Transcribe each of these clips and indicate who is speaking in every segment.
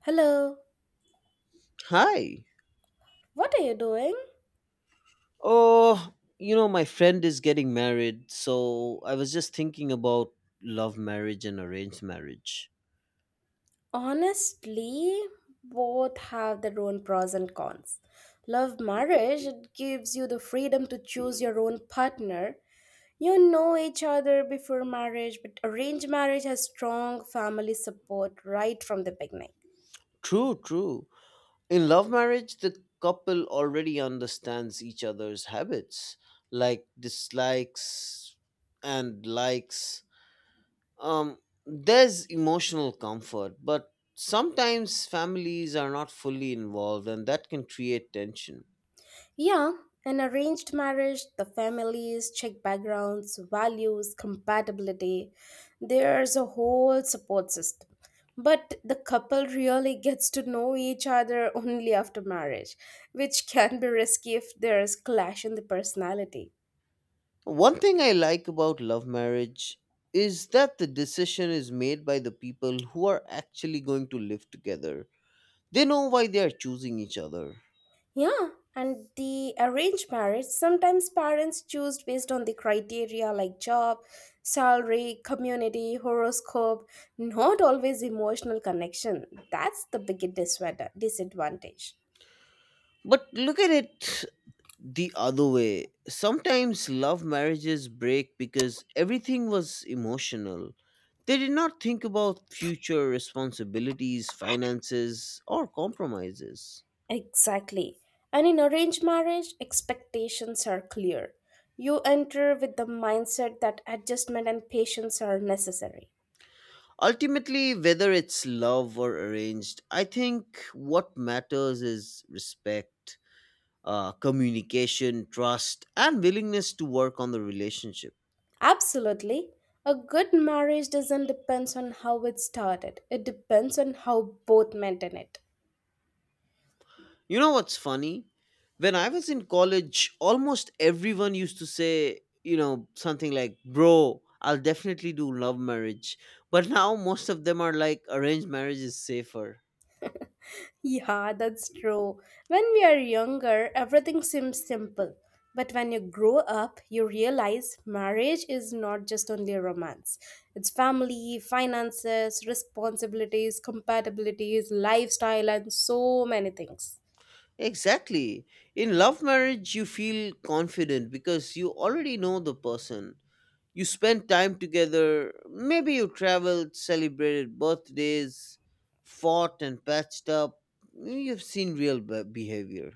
Speaker 1: Hello,
Speaker 2: Hi.
Speaker 1: what are you doing?
Speaker 2: Oh, you know, my friend is getting married, so I was just thinking about love marriage and arranged marriage.
Speaker 1: Honestly, both have their own pros and cons. Love marriage, it gives you the freedom to choose your own partner. You know each other before marriage, but arranged marriage has strong family support right from the beginning.
Speaker 2: True, true. In love marriage, the couple already understands each other's habits, like dislikes and likes. Um, there's emotional comfort, but sometimes families are not fully involved, and that can create tension.
Speaker 1: Yeah, an arranged marriage, the families check backgrounds, values, compatibility. There's a whole support system. But the couple really gets to know each other only after marriage, which can be risky if there's clash in the personality.
Speaker 2: One thing I like about love marriage is that the decision is made by the people who are actually going to live together. They know why they are choosing each other.
Speaker 1: Yeah, and the arranged marriage, sometimes parents choose based on the criteria like job, salary, community, horoscope, not always emotional connection. That's the biggest disadvantage.
Speaker 2: But look at it the other way. Sometimes love marriages break because everything was emotional. They did not think about future responsibilities, finances, or compromises.
Speaker 1: Exactly. And in arranged marriage, expectations are clear. You enter with the mindset that adjustment and patience are necessary.
Speaker 2: Ultimately, whether it's love or arranged, I think what matters is respect, communication, trust, and willingness to work on the relationship.
Speaker 1: Absolutely. A good marriage doesn't depend on how it started, it depends on how both maintain it.
Speaker 2: You know what's funny? When I was in college, almost everyone used to say, you know, something like, bro, I'll definitely do love marriage. But now most of them are like, arranged marriage is safer.
Speaker 1: Yeah, that's true. When we are younger, everything seems simple. But when you grow up, you realize marriage is not just only a romance. It's family, finances, responsibilities, compatibilities, lifestyle, and so many things.
Speaker 2: Exactly. In love marriage, you feel confident because you already know the person. You spent time together, maybe you traveled, celebrated birthdays, fought and patched up. You've seen real behavior.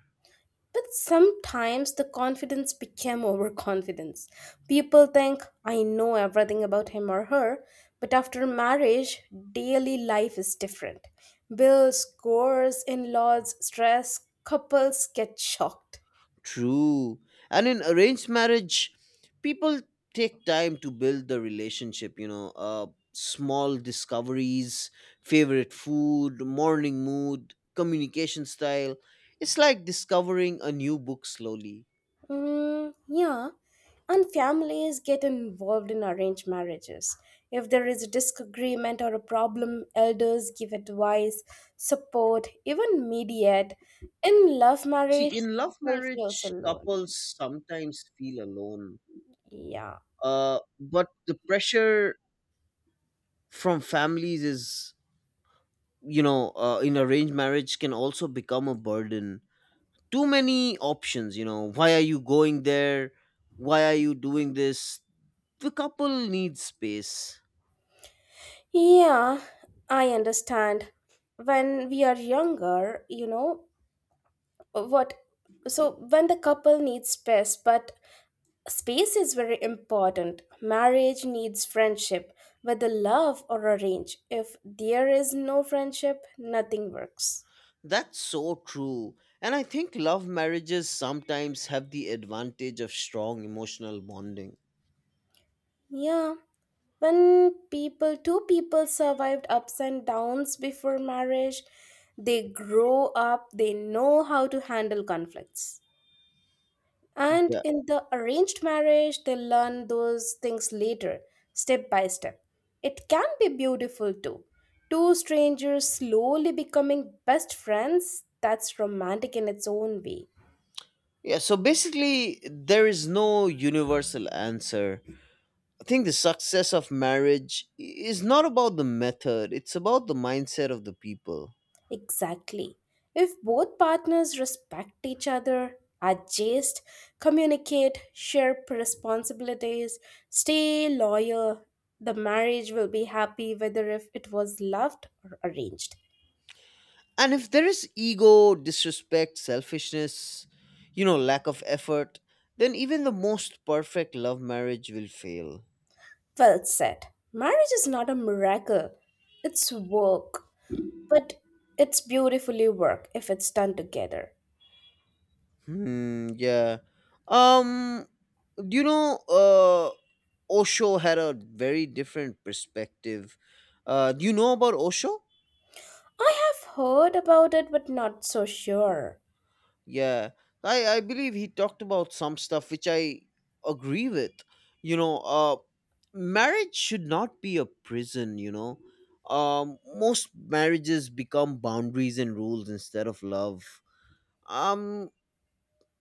Speaker 1: But sometimes the confidence became overconfidence. People think, I know everything about him or her, but after marriage, daily life is different. Bills, chores, in laws, stress, couples get shocked.
Speaker 2: True. And in arranged marriage, people take time to build the relationship, you know, small discoveries, favorite food, morning mood, communication style. It's like discovering a new book slowly.
Speaker 1: Mm, yeah, and families get involved in arranged marriages. If there is a disagreement or a problem, elders give advice, support, even mediate. In love marriage,
Speaker 2: See, in love
Speaker 1: couple feels
Speaker 2: marriage,
Speaker 1: alone.
Speaker 2: couples sometimes feel alone,
Speaker 1: Yeah.
Speaker 2: but the pressure from families is, in arranged marriage can also become a burden. Too many options, you know, why are you going there, why are you doing this? The couple needs space.
Speaker 1: Yeah, I understand. When we are younger, you know, what so when the couple needs space, but space is very important. Marriage needs friendship, whether love or arrange. If there is no friendship, nothing works.
Speaker 2: That's so true. And I think love marriages sometimes have the advantage of strong emotional bonding.
Speaker 1: Yeah, when people, two people survived ups and downs before marriage, they grow up, they know how to handle conflicts. And
Speaker 2: Yeah.
Speaker 1: in the arranged marriage, they learn those things later, step by step. It can be beautiful too. Two strangers slowly becoming best friends, that's romantic in its own way.
Speaker 2: Yeah, so basically there is no universal answer. I think the success of marriage is not about the method, it's about the mindset of the people.
Speaker 1: Exactly. If both partners respect each other, adjust, communicate, share responsibilities, stay loyal, the marriage will be happy whether if it was loved or arranged.
Speaker 2: And if there is ego, disrespect, selfishness, you know, lack of effort, then even the most perfect love marriage will fail.
Speaker 1: Well said. Marriage is not a miracle, it's work. But it's beautifully work if it's done together.
Speaker 2: Hmm, yeah. Um, do you know, Osho had a very different perspective. Do you know about Osho?
Speaker 1: I have heard about it, but not so sure.
Speaker 2: Yeah, I believe he talked about some stuff which I agree with. You know, marriage should not be a prison. You know, most marriages become boundaries and rules instead of love. Um,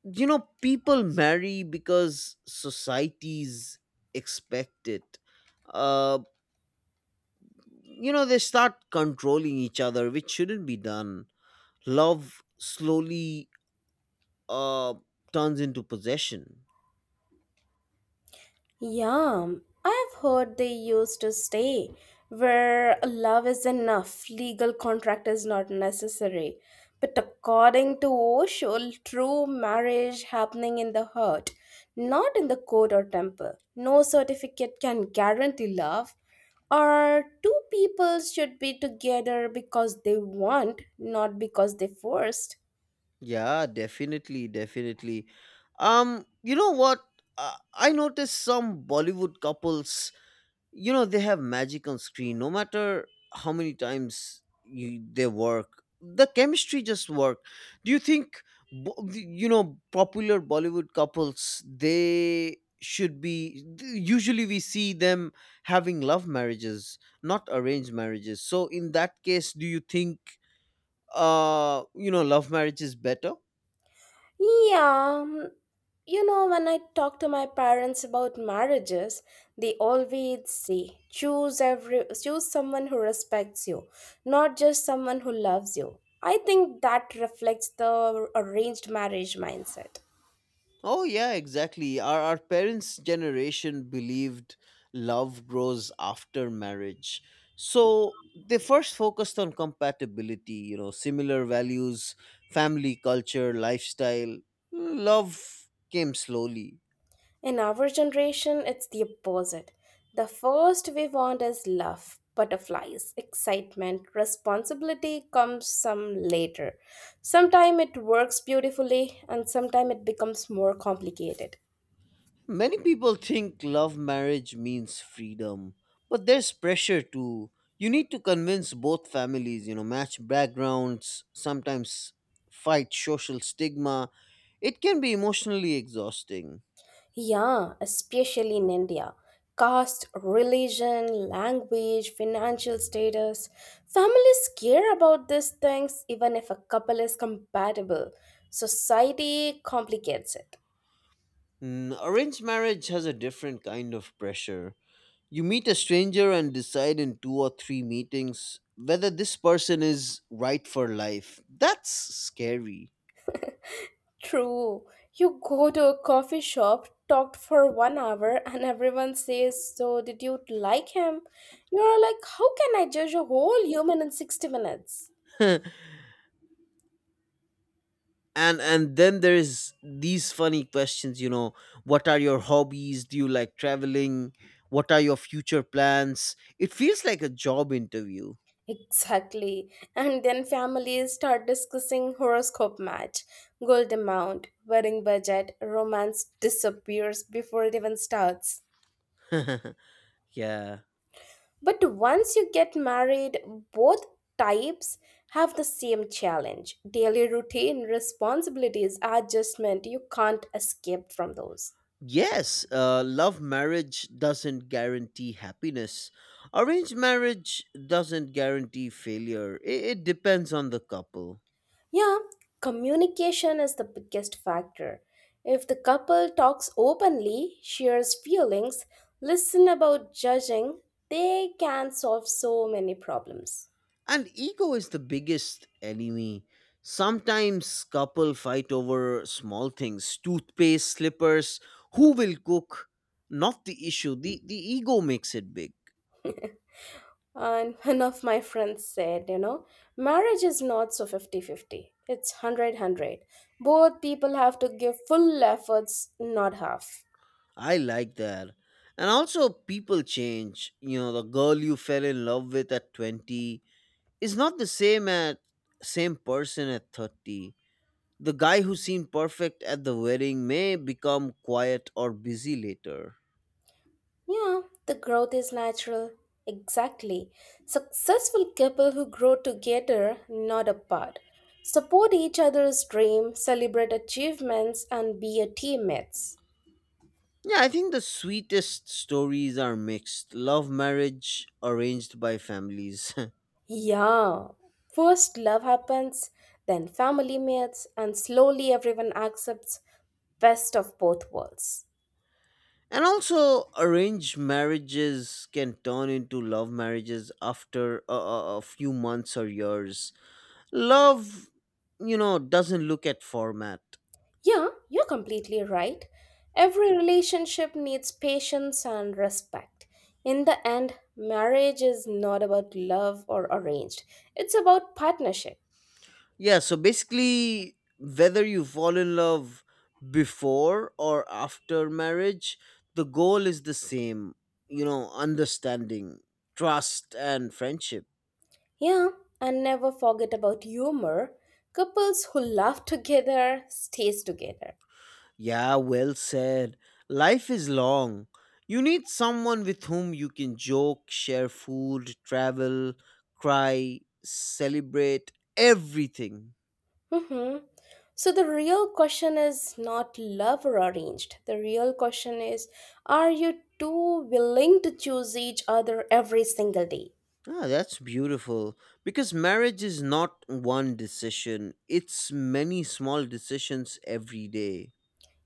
Speaker 2: you know, people marry because societies expect it. Uh, you know, they start controlling each other, which shouldn't be done. Love slowly uh turns into possession.
Speaker 1: Yeah, I've heard they used to stay where love is enough, legal contract is not necessary. But according to Osho, true marriage happening in the heart, not in the court or temple. No certificate can guarantee love. Or two people should be together because they want, not because they forced.
Speaker 2: Yeah, definitely, definitely. You know what? I noticed some Bollywood couples, you know, they have magic on screen. No matter how many times you they work, the chemistry just work. Do you think, you know, popular Bollywood couples they should be? Usually, we see them having love marriages, not arranged marriages. So, in that case, do you think, you know, love marriage is better?
Speaker 1: Yeah, mm, you know, when I talk to my parents about marriages, they always say, choose every choose someone who respects you, not just someone who loves you. I think that reflects the arranged marriage mindset.
Speaker 2: Oh yeah, exactly. Our parents' generation believed love grows after marriage. So they first focused on compatibility, you know, similar values, family culture, lifestyle. Love came slowly.
Speaker 1: In our generation, it's the opposite. The first we want is love, butterflies, excitement, responsibility comes some later. Sometime it works beautifully and sometime it becomes more complicated.
Speaker 2: Many people think love marriage means freedom, but there's pressure too. You need to convince both families, you know, match backgrounds, sometimes fight social stigma. It can be emotionally exhausting.
Speaker 1: Yeah, especially in India. Caste, religion, language, financial status. Families care about these things even if a couple is compatible. Society complicates it.
Speaker 2: Mm, arranged marriage has a different kind of pressure. You meet a stranger and decide in two or three meetings whether this person is right for life. That's scary.
Speaker 1: True. You go to a coffee shop, talked for 1 hour, and everyone says, so, did you like him? You're like, how can I judge a whole human in 60 minutes?
Speaker 2: And then there's these funny questions, you know, what are your hobbies, do you like traveling, what are your future plans? It feels like a job interview.
Speaker 1: Exactly. And then families start discussing horoscope match, gold amount, wedding budget, romance disappears before it even starts.
Speaker 2: Yeah.
Speaker 1: But once you get married, both types have the same challenge daily routine, responsibilities, adjustment. You can't escape from those.
Speaker 2: Yes, love marriage doesn't guarantee happiness, arranged marriage doesn't guarantee failure. It depends on the couple.
Speaker 1: Yeah, communication is the biggest factor. If the couple talks openly, shares feelings, listen about judging, they can solve so many problems.
Speaker 2: And ego is the biggest enemy. Sometimes couple fight over small things, toothpaste, slippers, who will cook, not the issue. The ego makes it big.
Speaker 1: And one of my friends said, you know, marriage is not so 50-50. It's hundred-hundred. Both people have to give full efforts, not half.
Speaker 2: I like that. And also people change. You know, the girl you fell in love with at 20 is not the same at same person at 30. The guy who seemed perfect at the wedding may become quiet or busy later.
Speaker 1: Yeah, the growth is natural. Exactly. Successful couple who grow together, not apart. Support each other's dream, celebrate achievements, and be a teammates.
Speaker 2: Yeah, I think the sweetest stories are mixed. Love marriage arranged by families.
Speaker 1: Yeah, first love happens, then family meets, and slowly everyone accepts best of both worlds.
Speaker 2: And also, arranged marriages can turn into love marriages after a few months or years. Love, you know, doesn't look at format.
Speaker 1: Yeah, you're completely right. Every relationship needs patience and respect. In the end, marriage is not about love or arranged, it's about partnership.
Speaker 2: Yeah, so basically, whether you fall in love before or after marriage, the goal is the same, you know, understanding, trust, and friendship.
Speaker 1: Yeah, and never forget about humor. Couples who laugh together stays together.
Speaker 2: Yeah, well said. Life is long. You need someone with whom you can joke, share food, travel, cry, celebrate everything.
Speaker 1: Hmm. So the real question is not love or arranged. The real question is, are you two willing to choose each other every single day?
Speaker 2: Ah, that's beautiful. Because marriage is not one decision, it's many small decisions every day.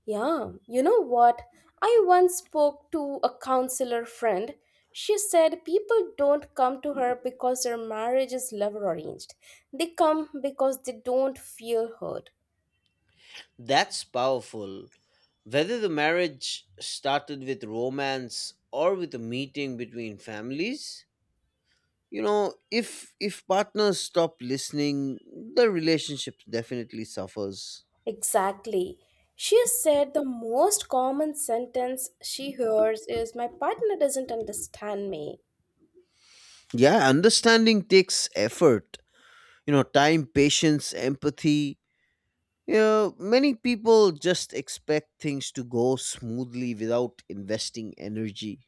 Speaker 1: Yeah, you know what? I once spoke to a counselor friend. She said people don't come to her because their marriage is love arranged. They come because they don't feel heard.
Speaker 2: That's powerful. Whether the marriage started with romance or with a meeting between families, you know, if partners stop listening, the relationship definitely suffers.
Speaker 1: Exactly. She said the most common sentence she hears is, my partner doesn't understand me.
Speaker 2: Yeah, understanding takes effort, you know, time, patience, empathy. You know, many people just expect things to go smoothly without investing energy.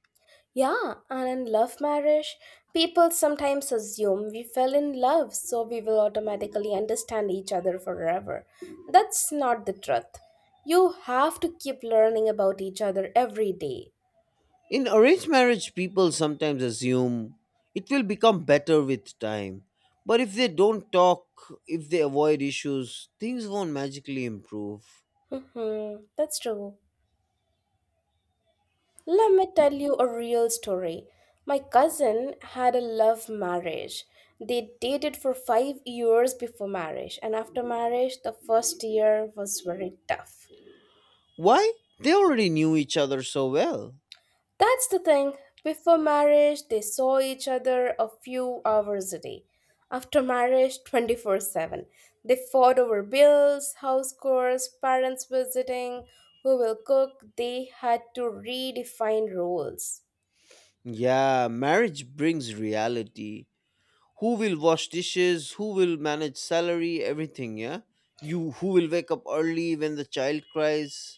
Speaker 1: Yeah, and in love marriage, people sometimes assume we fell in love, so we will automatically understand each other forever. That's not the truth. You have to keep learning about each other every day.
Speaker 2: In arranged marriage, people sometimes assume it will become better with time, but if they don't talk, if they avoid issues, things won't magically improve.
Speaker 1: Mm-hmm, that's true. Let me tell you a real story. My cousin had a love marriage. They dated for 5 years before marriage, and after marriage, the first year was very tough.
Speaker 2: Why? They already knew each other so well.
Speaker 1: That's the thing. Before marriage, they saw each other a few hours a day. After marriage, 24/7. They fought over bills, house chores, parents visiting, who will cook. They had to redefine roles.
Speaker 2: Yeah, marriage brings reality. Who will wash dishes? Who will manage salary? Everything, yeah? You Who will wake up early when the child cries?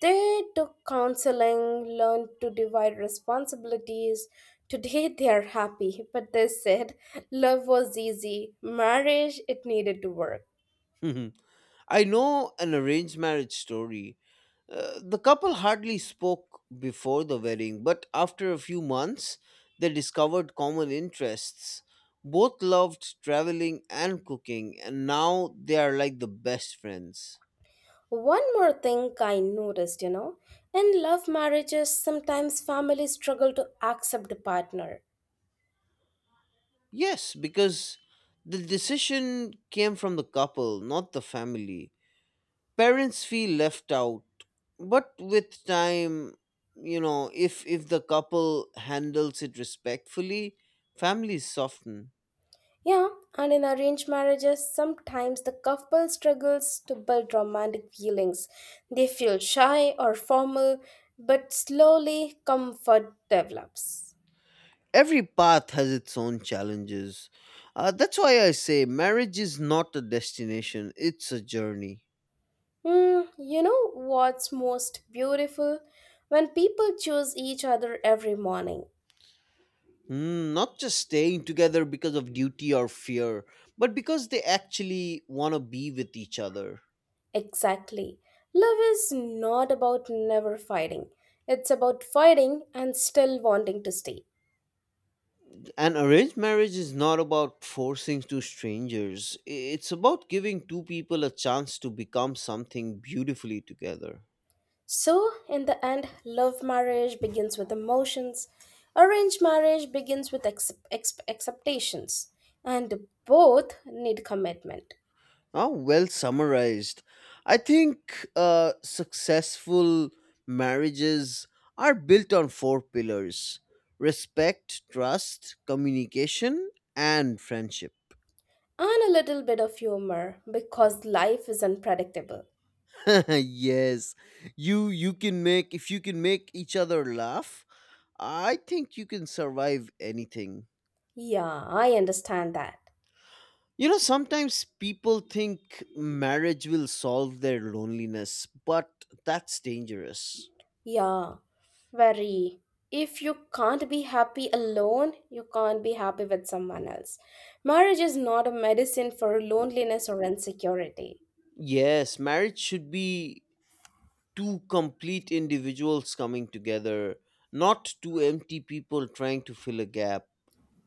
Speaker 1: They took counseling, learned to divide responsibilities. Today they are happy, but they said love was easy. Marriage, it needed to work.
Speaker 2: I know an arranged marriage story. The couple hardly spoke before the wedding, but after a few months, they discovered common interests. Both loved traveling and cooking, and now they are like the best friends.
Speaker 1: One more thing I noticed, you know, in love marriages, sometimes families struggle to accept the partner.
Speaker 2: Yes, because the decision came from the couple, not the family. Parents feel left out, but with time, you know, if the couple handles it respectfully, families soften.
Speaker 1: Yeah, and in arranged marriages, sometimes the couple struggles to build romantic feelings. They feel shy or formal, but slowly comfort develops.
Speaker 2: Every path has its own challenges. That's why I say marriage is not a destination, it's a journey.
Speaker 1: Hmm, you know what's most beautiful? When people choose each other every morning.
Speaker 2: Mm, not just staying together because of duty or fear, but because they actually want to be with each other.
Speaker 1: Exactly. Love is not about never fighting, it's about fighting and still wanting to stay.
Speaker 2: An arranged marriage is not about forcing two strangers. It's about giving two people a chance to become something beautifully together.
Speaker 1: So, in the end, love marriage begins with emotions, arranged marriage begins with expectations, and both need commitment
Speaker 2: Oh, well summarized. I think successful marriages are built on four pillars: respect, trust, communication, and friendship.
Speaker 1: and a little bit of humor because life is unpredictable.
Speaker 2: Yes, you you can make, if you can make each other laugh, I think you can survive anything.
Speaker 1: Yeah, I understand that.
Speaker 2: You know, sometimes people think marriage will solve their loneliness, but that's dangerous.
Speaker 1: Yeah, very. If you can't be happy alone, you can't be happy with someone else. Marriage is not a medicine for loneliness or insecurity.
Speaker 2: Yes, marriage should be two complete individuals coming together, not two empty people trying to fill a gap.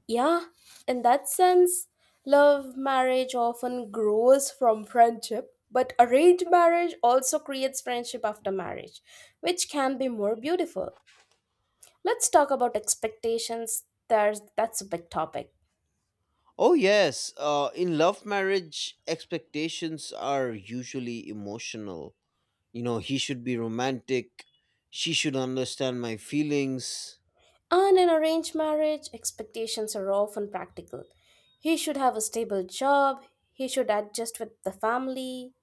Speaker 1: Yeah, in that sense, love marriage often grows from friendship, but arranged marriage also creates friendship after marriage, which can be more beautiful. Let's talk about expectations. There's that's a big topic.
Speaker 2: Oh, yes, in love marriage, expectations are usually emotional. You know, he should be romantic, she should understand my feelings.
Speaker 1: And in arranged marriage, expectations are often practical. He should have a stable job, he should adjust with the family.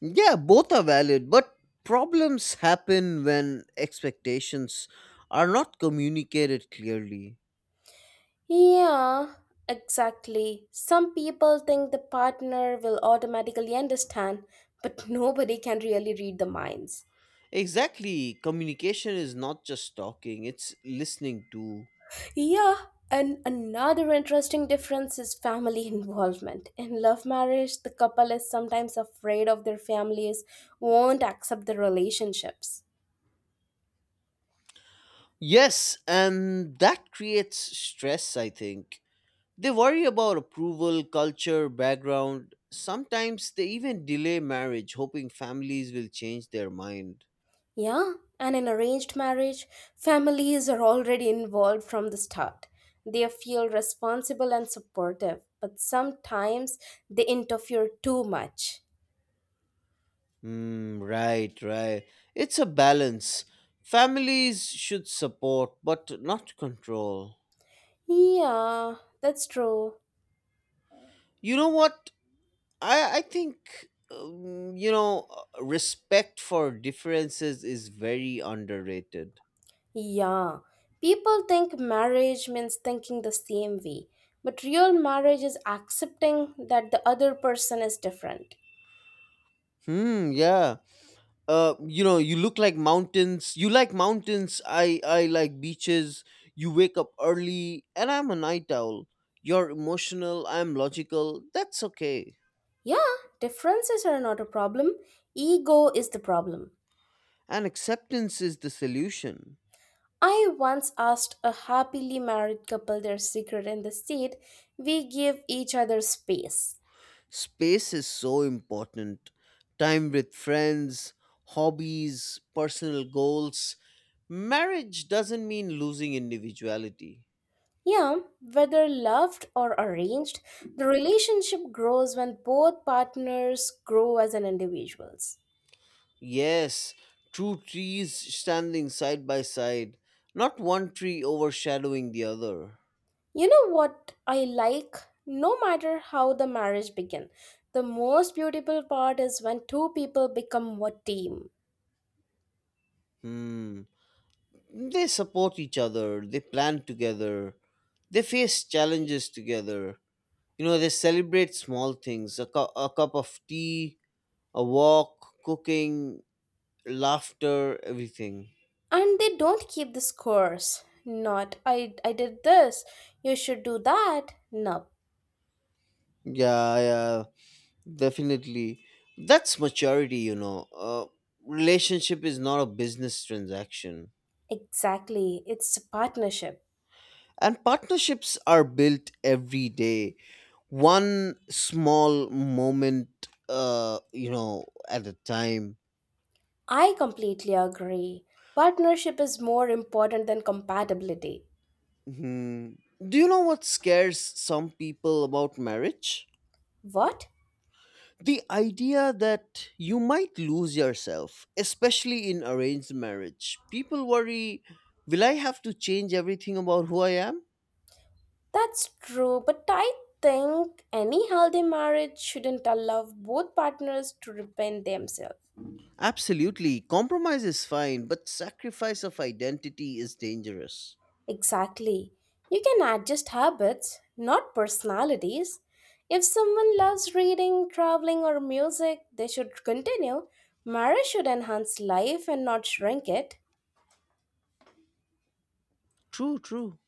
Speaker 2: Yeah, both are valid, but problems happen when expectations are not communicated clearly.
Speaker 1: Yeah, exactly. Some people think the partner will automatically understand, but nobody can really read the minds.
Speaker 2: Exactly. Communication is not just talking, it's listening too.
Speaker 1: Yeah, and another interesting difference is family involvement. In love marriage, the couple is sometimes afraid of their families won't accept the relationships.
Speaker 2: Yes, and that creates stress, I think. They worry about approval, culture, background. Sometimes they even delay marriage, hoping families will change their mind.
Speaker 1: Yeah, and in arranged marriage, families are already involved from the start. They feel responsible and supportive, but sometimes they interfere too much.
Speaker 2: Mm, right, right. It's a balance. Families should support, but not control.
Speaker 1: Yeah, that's true.
Speaker 2: You know what? I think, you know, respect for differences is very underrated.
Speaker 1: Yeah, people think marriage means thinking the same way, but real marriage is accepting that the other person is different.
Speaker 2: Hmm, yeah. You know, you look like mountains. You like mountains. I like beaches. You wake up early, and I'm a night owl. You're emotional. I'm logical. That's okay.
Speaker 1: Yeah, differences are not a problem. Ego is the problem.
Speaker 2: And acceptance is the solution.
Speaker 1: I once asked a happily married couple their secret and they said, we give each other space.
Speaker 2: Space is so important. Time with friends, hobbies, personal goals. Marriage doesn't mean losing individuality.
Speaker 1: Yeah, whether loved or arranged, the relationship grows when both partners grow as an individuals.
Speaker 2: Yes, two trees standing side by side, not one tree overshadowing the other.
Speaker 1: You know what I like? No matter how the marriage begin, the most beautiful part is when two people become one team
Speaker 2: Hmm. They support each other, they plan together, they face challenges together. You know, they celebrate small things, a cup of tea, a walk, cooking, laughter, everything.
Speaker 1: and they don't keep the scores, not I did this, you should do that, no.
Speaker 2: Yeah, yeah, definitely. That's maturity, you know. Relationship is not a business transaction.
Speaker 1: Exactly, it's a partnership.
Speaker 2: And partnerships are built every day, one small moment, you know, at a time.
Speaker 1: I completely agree, partnership is more important than compatibility.
Speaker 2: Mhm. Do you know what scares some people about marriage?
Speaker 1: What?
Speaker 2: The idea that you might lose yourself, especially in arranged marriage. People worry, will I have to change everything about who I am?
Speaker 1: That's true, but I think any healthy marriage shouldn't allow both partners to repent themselves.
Speaker 2: Absolutely. Compromise is fine, but sacrifice of identity is dangerous.
Speaker 1: Exactly. You can adjust habits, not personalities. If someone loves reading, traveling, or music, they should continue. Marriage should enhance life and not shrink it.
Speaker 2: True, true.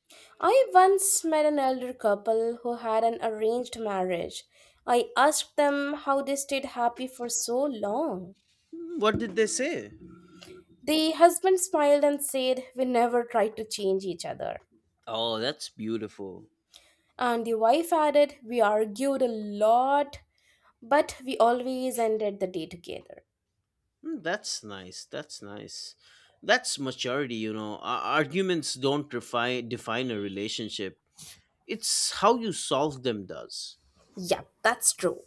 Speaker 1: I once met an elder couple who had an arranged marriage. I asked them how they stayed happy for so long.
Speaker 2: Hmm, what did they say?
Speaker 1: The husband smiled and said, we never tried to change each other.
Speaker 2: Oh, that's beautiful.
Speaker 1: And the wife added, we argued a lot, but we always ended the day together.
Speaker 2: Hmm, that's nice. That's nice. That's maturity, you know. Arguments don't define a relationship. It's how you solve them does.
Speaker 1: Yeah, that's true.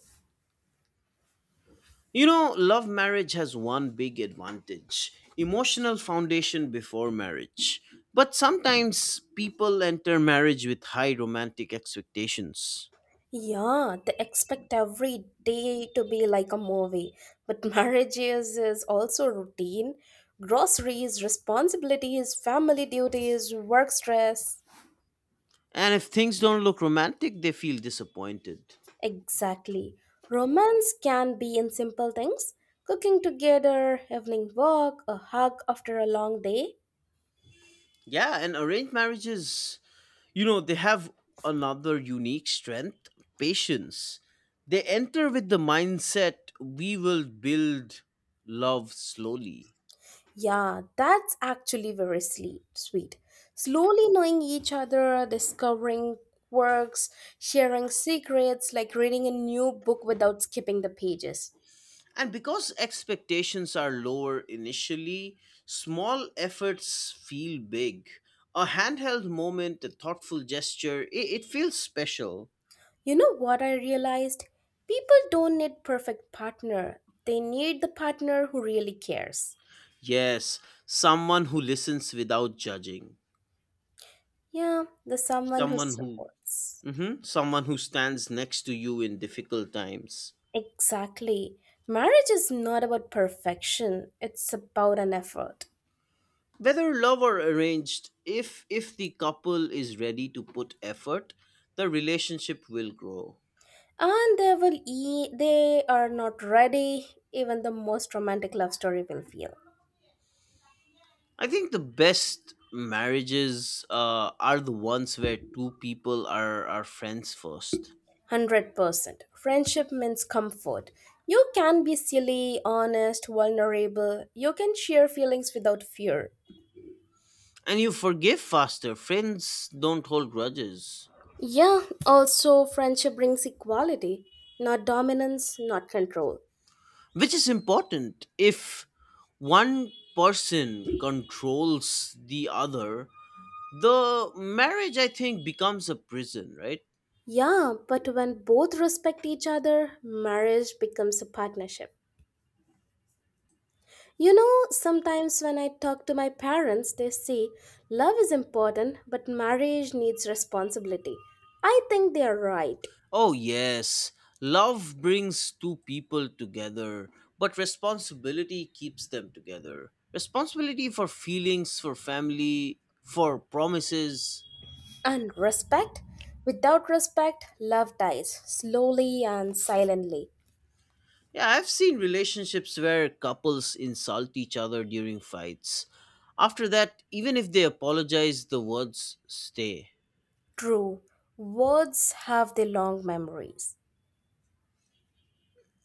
Speaker 2: You know, love marriage has one big advantage: emotional foundation before marriage. But sometimes people enter marriage with high romantic expectations.
Speaker 1: Yeah, they expect every day to be like a movie. But marriage is also routine. Groceries, responsibilities, family duties, work stress.
Speaker 2: And if things don't look romantic, they feel disappointed.
Speaker 1: Exactly. Romance can be in simple things, cooking together, evening walk, a hug after a long day.
Speaker 2: Yeah, and arranged marriages, you know, they have another unique strength: patience. They enter with the mindset we will build love slowly.
Speaker 1: Yeah, that's actually very sweet. Slowly knowing each other, discovering works, sharing secrets, like reading a new book without skipping the pages.
Speaker 2: And because expectations are lower initially, small efforts feel big. A handheld moment, a thoughtful gesture, it feels special.
Speaker 1: You know what I realized? People don't need perfect partner. They need the partner who really cares.
Speaker 2: Yes, someone who listens without judging.
Speaker 1: Yeah, the someone who
Speaker 2: Someone who.
Speaker 1: supports.
Speaker 2: Mhm, someone who stands next to you in difficult times.
Speaker 1: Exactly. Marriage is not about perfection. It's about an effort.
Speaker 2: Whether love or arranged, if the couple is ready to put effort, the relationship will grow.
Speaker 1: And they will they are not ready. Even the most romantic love story will fail.
Speaker 2: I think the best marriages are the ones where two people are friends first,
Speaker 1: 100%. Friendship means comfort. You can be silly, honest, vulnerable. You can share feelings without fear.
Speaker 2: and you forgive faster. Friends don't hold grudges,
Speaker 1: Yeah, also, friendship brings equality, not dominance, not control.
Speaker 2: which is important. If one person controls the other, the marriage I think becomes a prison, right?
Speaker 1: Yeah, but when both respect each other, marriage becomes a partnership. You know, sometimes when I talk to my parents, they say love is important, but marriage needs responsibility. I think they are right.
Speaker 2: Oh, yes. Love brings two people together, but responsibility keeps them together. Responsibility for feelings, for family, for promises.
Speaker 1: And respect? Without respect, love dies, slowly and silently.
Speaker 2: Yeah, I've seen relationships where couples insult each other during fights. After that, even if they apologize, the words stay.
Speaker 1: True, words have their long memories.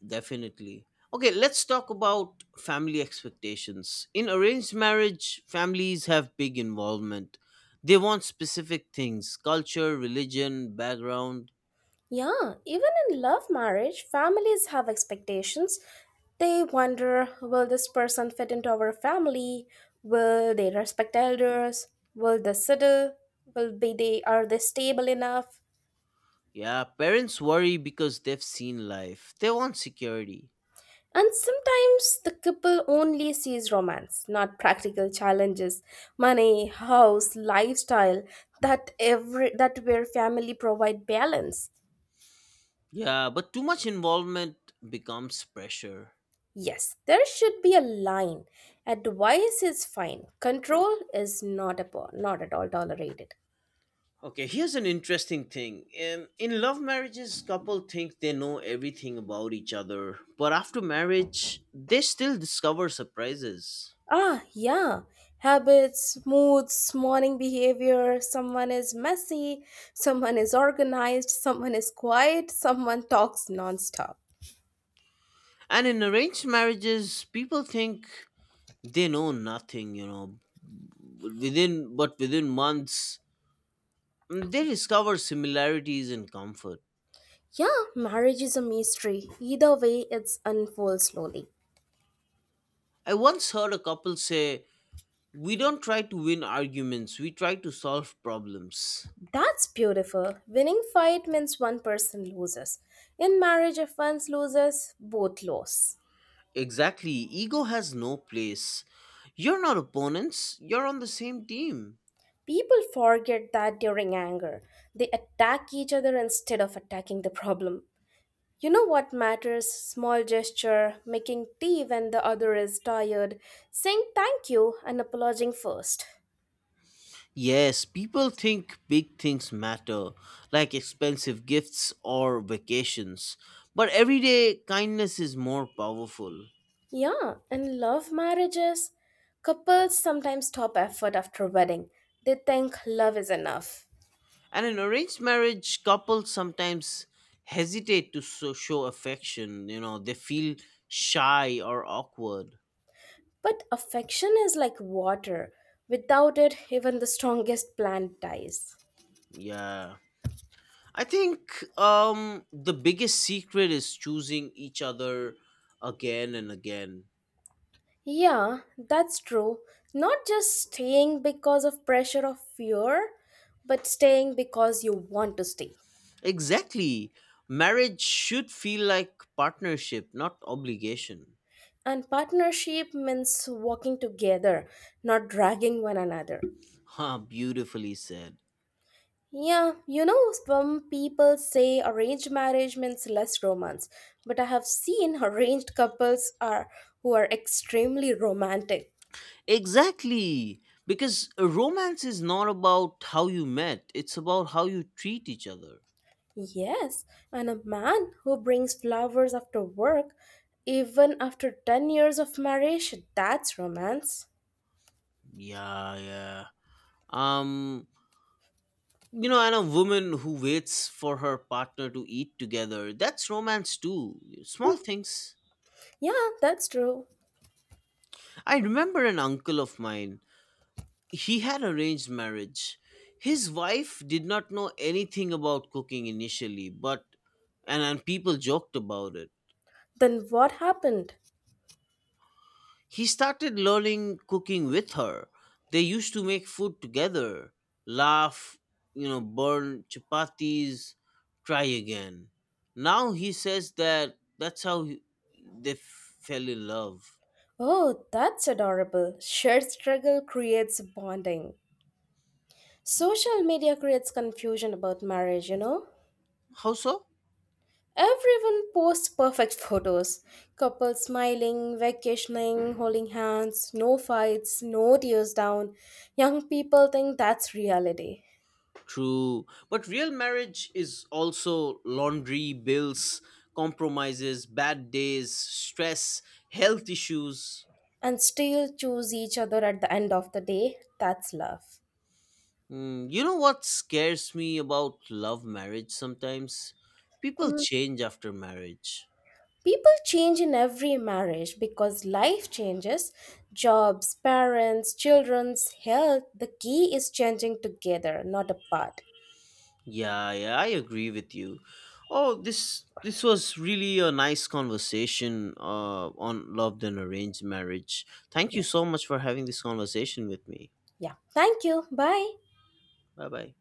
Speaker 2: Definitely. Okay, let's talk about family expectations. In arranged marriage, families have big involvement. They want specific things: culture, religion, background.
Speaker 1: Yeah, even in love marriage, families have expectations. They wonder, will this person fit into our family? Will they respect elders? Will they settle? Will be they are they stable enough?
Speaker 2: Yeah, parents worry because they've seen life. They want security.
Speaker 1: And sometimes the couple only sees romance, not practical challenges, money, house, lifestyle, that every that where family provide balance.
Speaker 2: Yeah, but too much involvement becomes pressure.
Speaker 1: Yes, there should be a line. Advice is fine. Control is not a not at all tolerated.
Speaker 2: Okay, here's an interesting thing. In love marriages, couple think they know everything about each other, but after marriage, they still discover surprises.
Speaker 1: Ah, yeah. Habits, moods, morning behavior. Someone is messy, someone is organized, someone is quiet, someone talks nonstop.
Speaker 2: And in arranged marriages, people think they know nothing, you know. Within months, mm, they discover similarities and comfort.
Speaker 1: Yeah, marriage is a mystery. Either way, it's unfolds slowly.
Speaker 2: I once heard a couple say, "We don't try to win arguments; we try to solve problems."
Speaker 1: That's beautiful. Winning fight means one person loses. In marriage, if one loses, both lose.
Speaker 2: Exactly, ego has no place. You're not opponents; you're on the same team.
Speaker 1: People forget that during anger, they attack each other instead of attacking the problem. You know what matters? Small gesture, making tea when the other is tired, saying thank you and apologizing first.
Speaker 2: Yes, people think big things matter, like expensive gifts or vacations. But everyday kindness is more powerful.
Speaker 1: Yeah, and love marriages. Couples sometimes stop effort after wedding. They think love is enough.
Speaker 2: And in arranged marriage, couples sometimes hesitate to show affection. You know, they feel shy or awkward.
Speaker 1: But affection is like water. Without it, even the strongest plant dies.
Speaker 2: Yeah. I think the biggest secret is choosing each other again and again.
Speaker 1: Yeah, that's true. Not just staying because of pressure of fear, but staying because you want to stay.
Speaker 2: Exactly. Marriage should feel like partnership, not obligation.
Speaker 1: And partnership means walking together, not dragging one another.
Speaker 2: Ha, beautifully said.
Speaker 1: Yeah, you know, some people say arranged marriage means less romance, but I have seen arranged couples are who are extremely romantic.
Speaker 2: Exactly. Because a romance is not about how you met, it's about how you treat each other.
Speaker 1: Yes, and a man who brings flowers after work, even after 10 years of marriage, that's romance.
Speaker 2: Yeah, yeah. Um, you know, and a woman who waits for her partner to eat together, that's romance too. Small
Speaker 1: Hmm,
Speaker 2: things.
Speaker 1: yeah, that's true.
Speaker 2: I remember an uncle of mine. He had arranged marriage. His wife did not know anything about cooking initially, but and people joked about it.
Speaker 1: Then what happened?
Speaker 2: He started learning cooking with her. They used to make food together, laugh, you know, burn chapatis, try again. Now he says that that's how they fell in love.
Speaker 1: Oh, that's adorable. Shared struggle creates bonding. Social media creates confusion about marriage, you know?
Speaker 2: How so?
Speaker 1: Everyone posts perfect photos, couples smiling, vacationing, holding hands, no fights, no tears down. Young people think that's reality.
Speaker 2: True. But real marriage is also laundry, bills, compromises, bad days, stress, health issues.
Speaker 1: And still choose each other at the end of the day, that's love.
Speaker 2: Mm, you know what scares me about love marriage sometimes? People
Speaker 1: Mm.
Speaker 2: change after marriage.
Speaker 1: People change in every marriage because life changes, jobs, parents, children's health. The key is changing together, not apart.
Speaker 2: Yeah, yeah, I agree with you. Oh, this was really a nice conversation on love and arranged marriage. Thank you so much for having this conversation with me.
Speaker 1: Yeah. Thank you. Bye.
Speaker 2: Bye bye.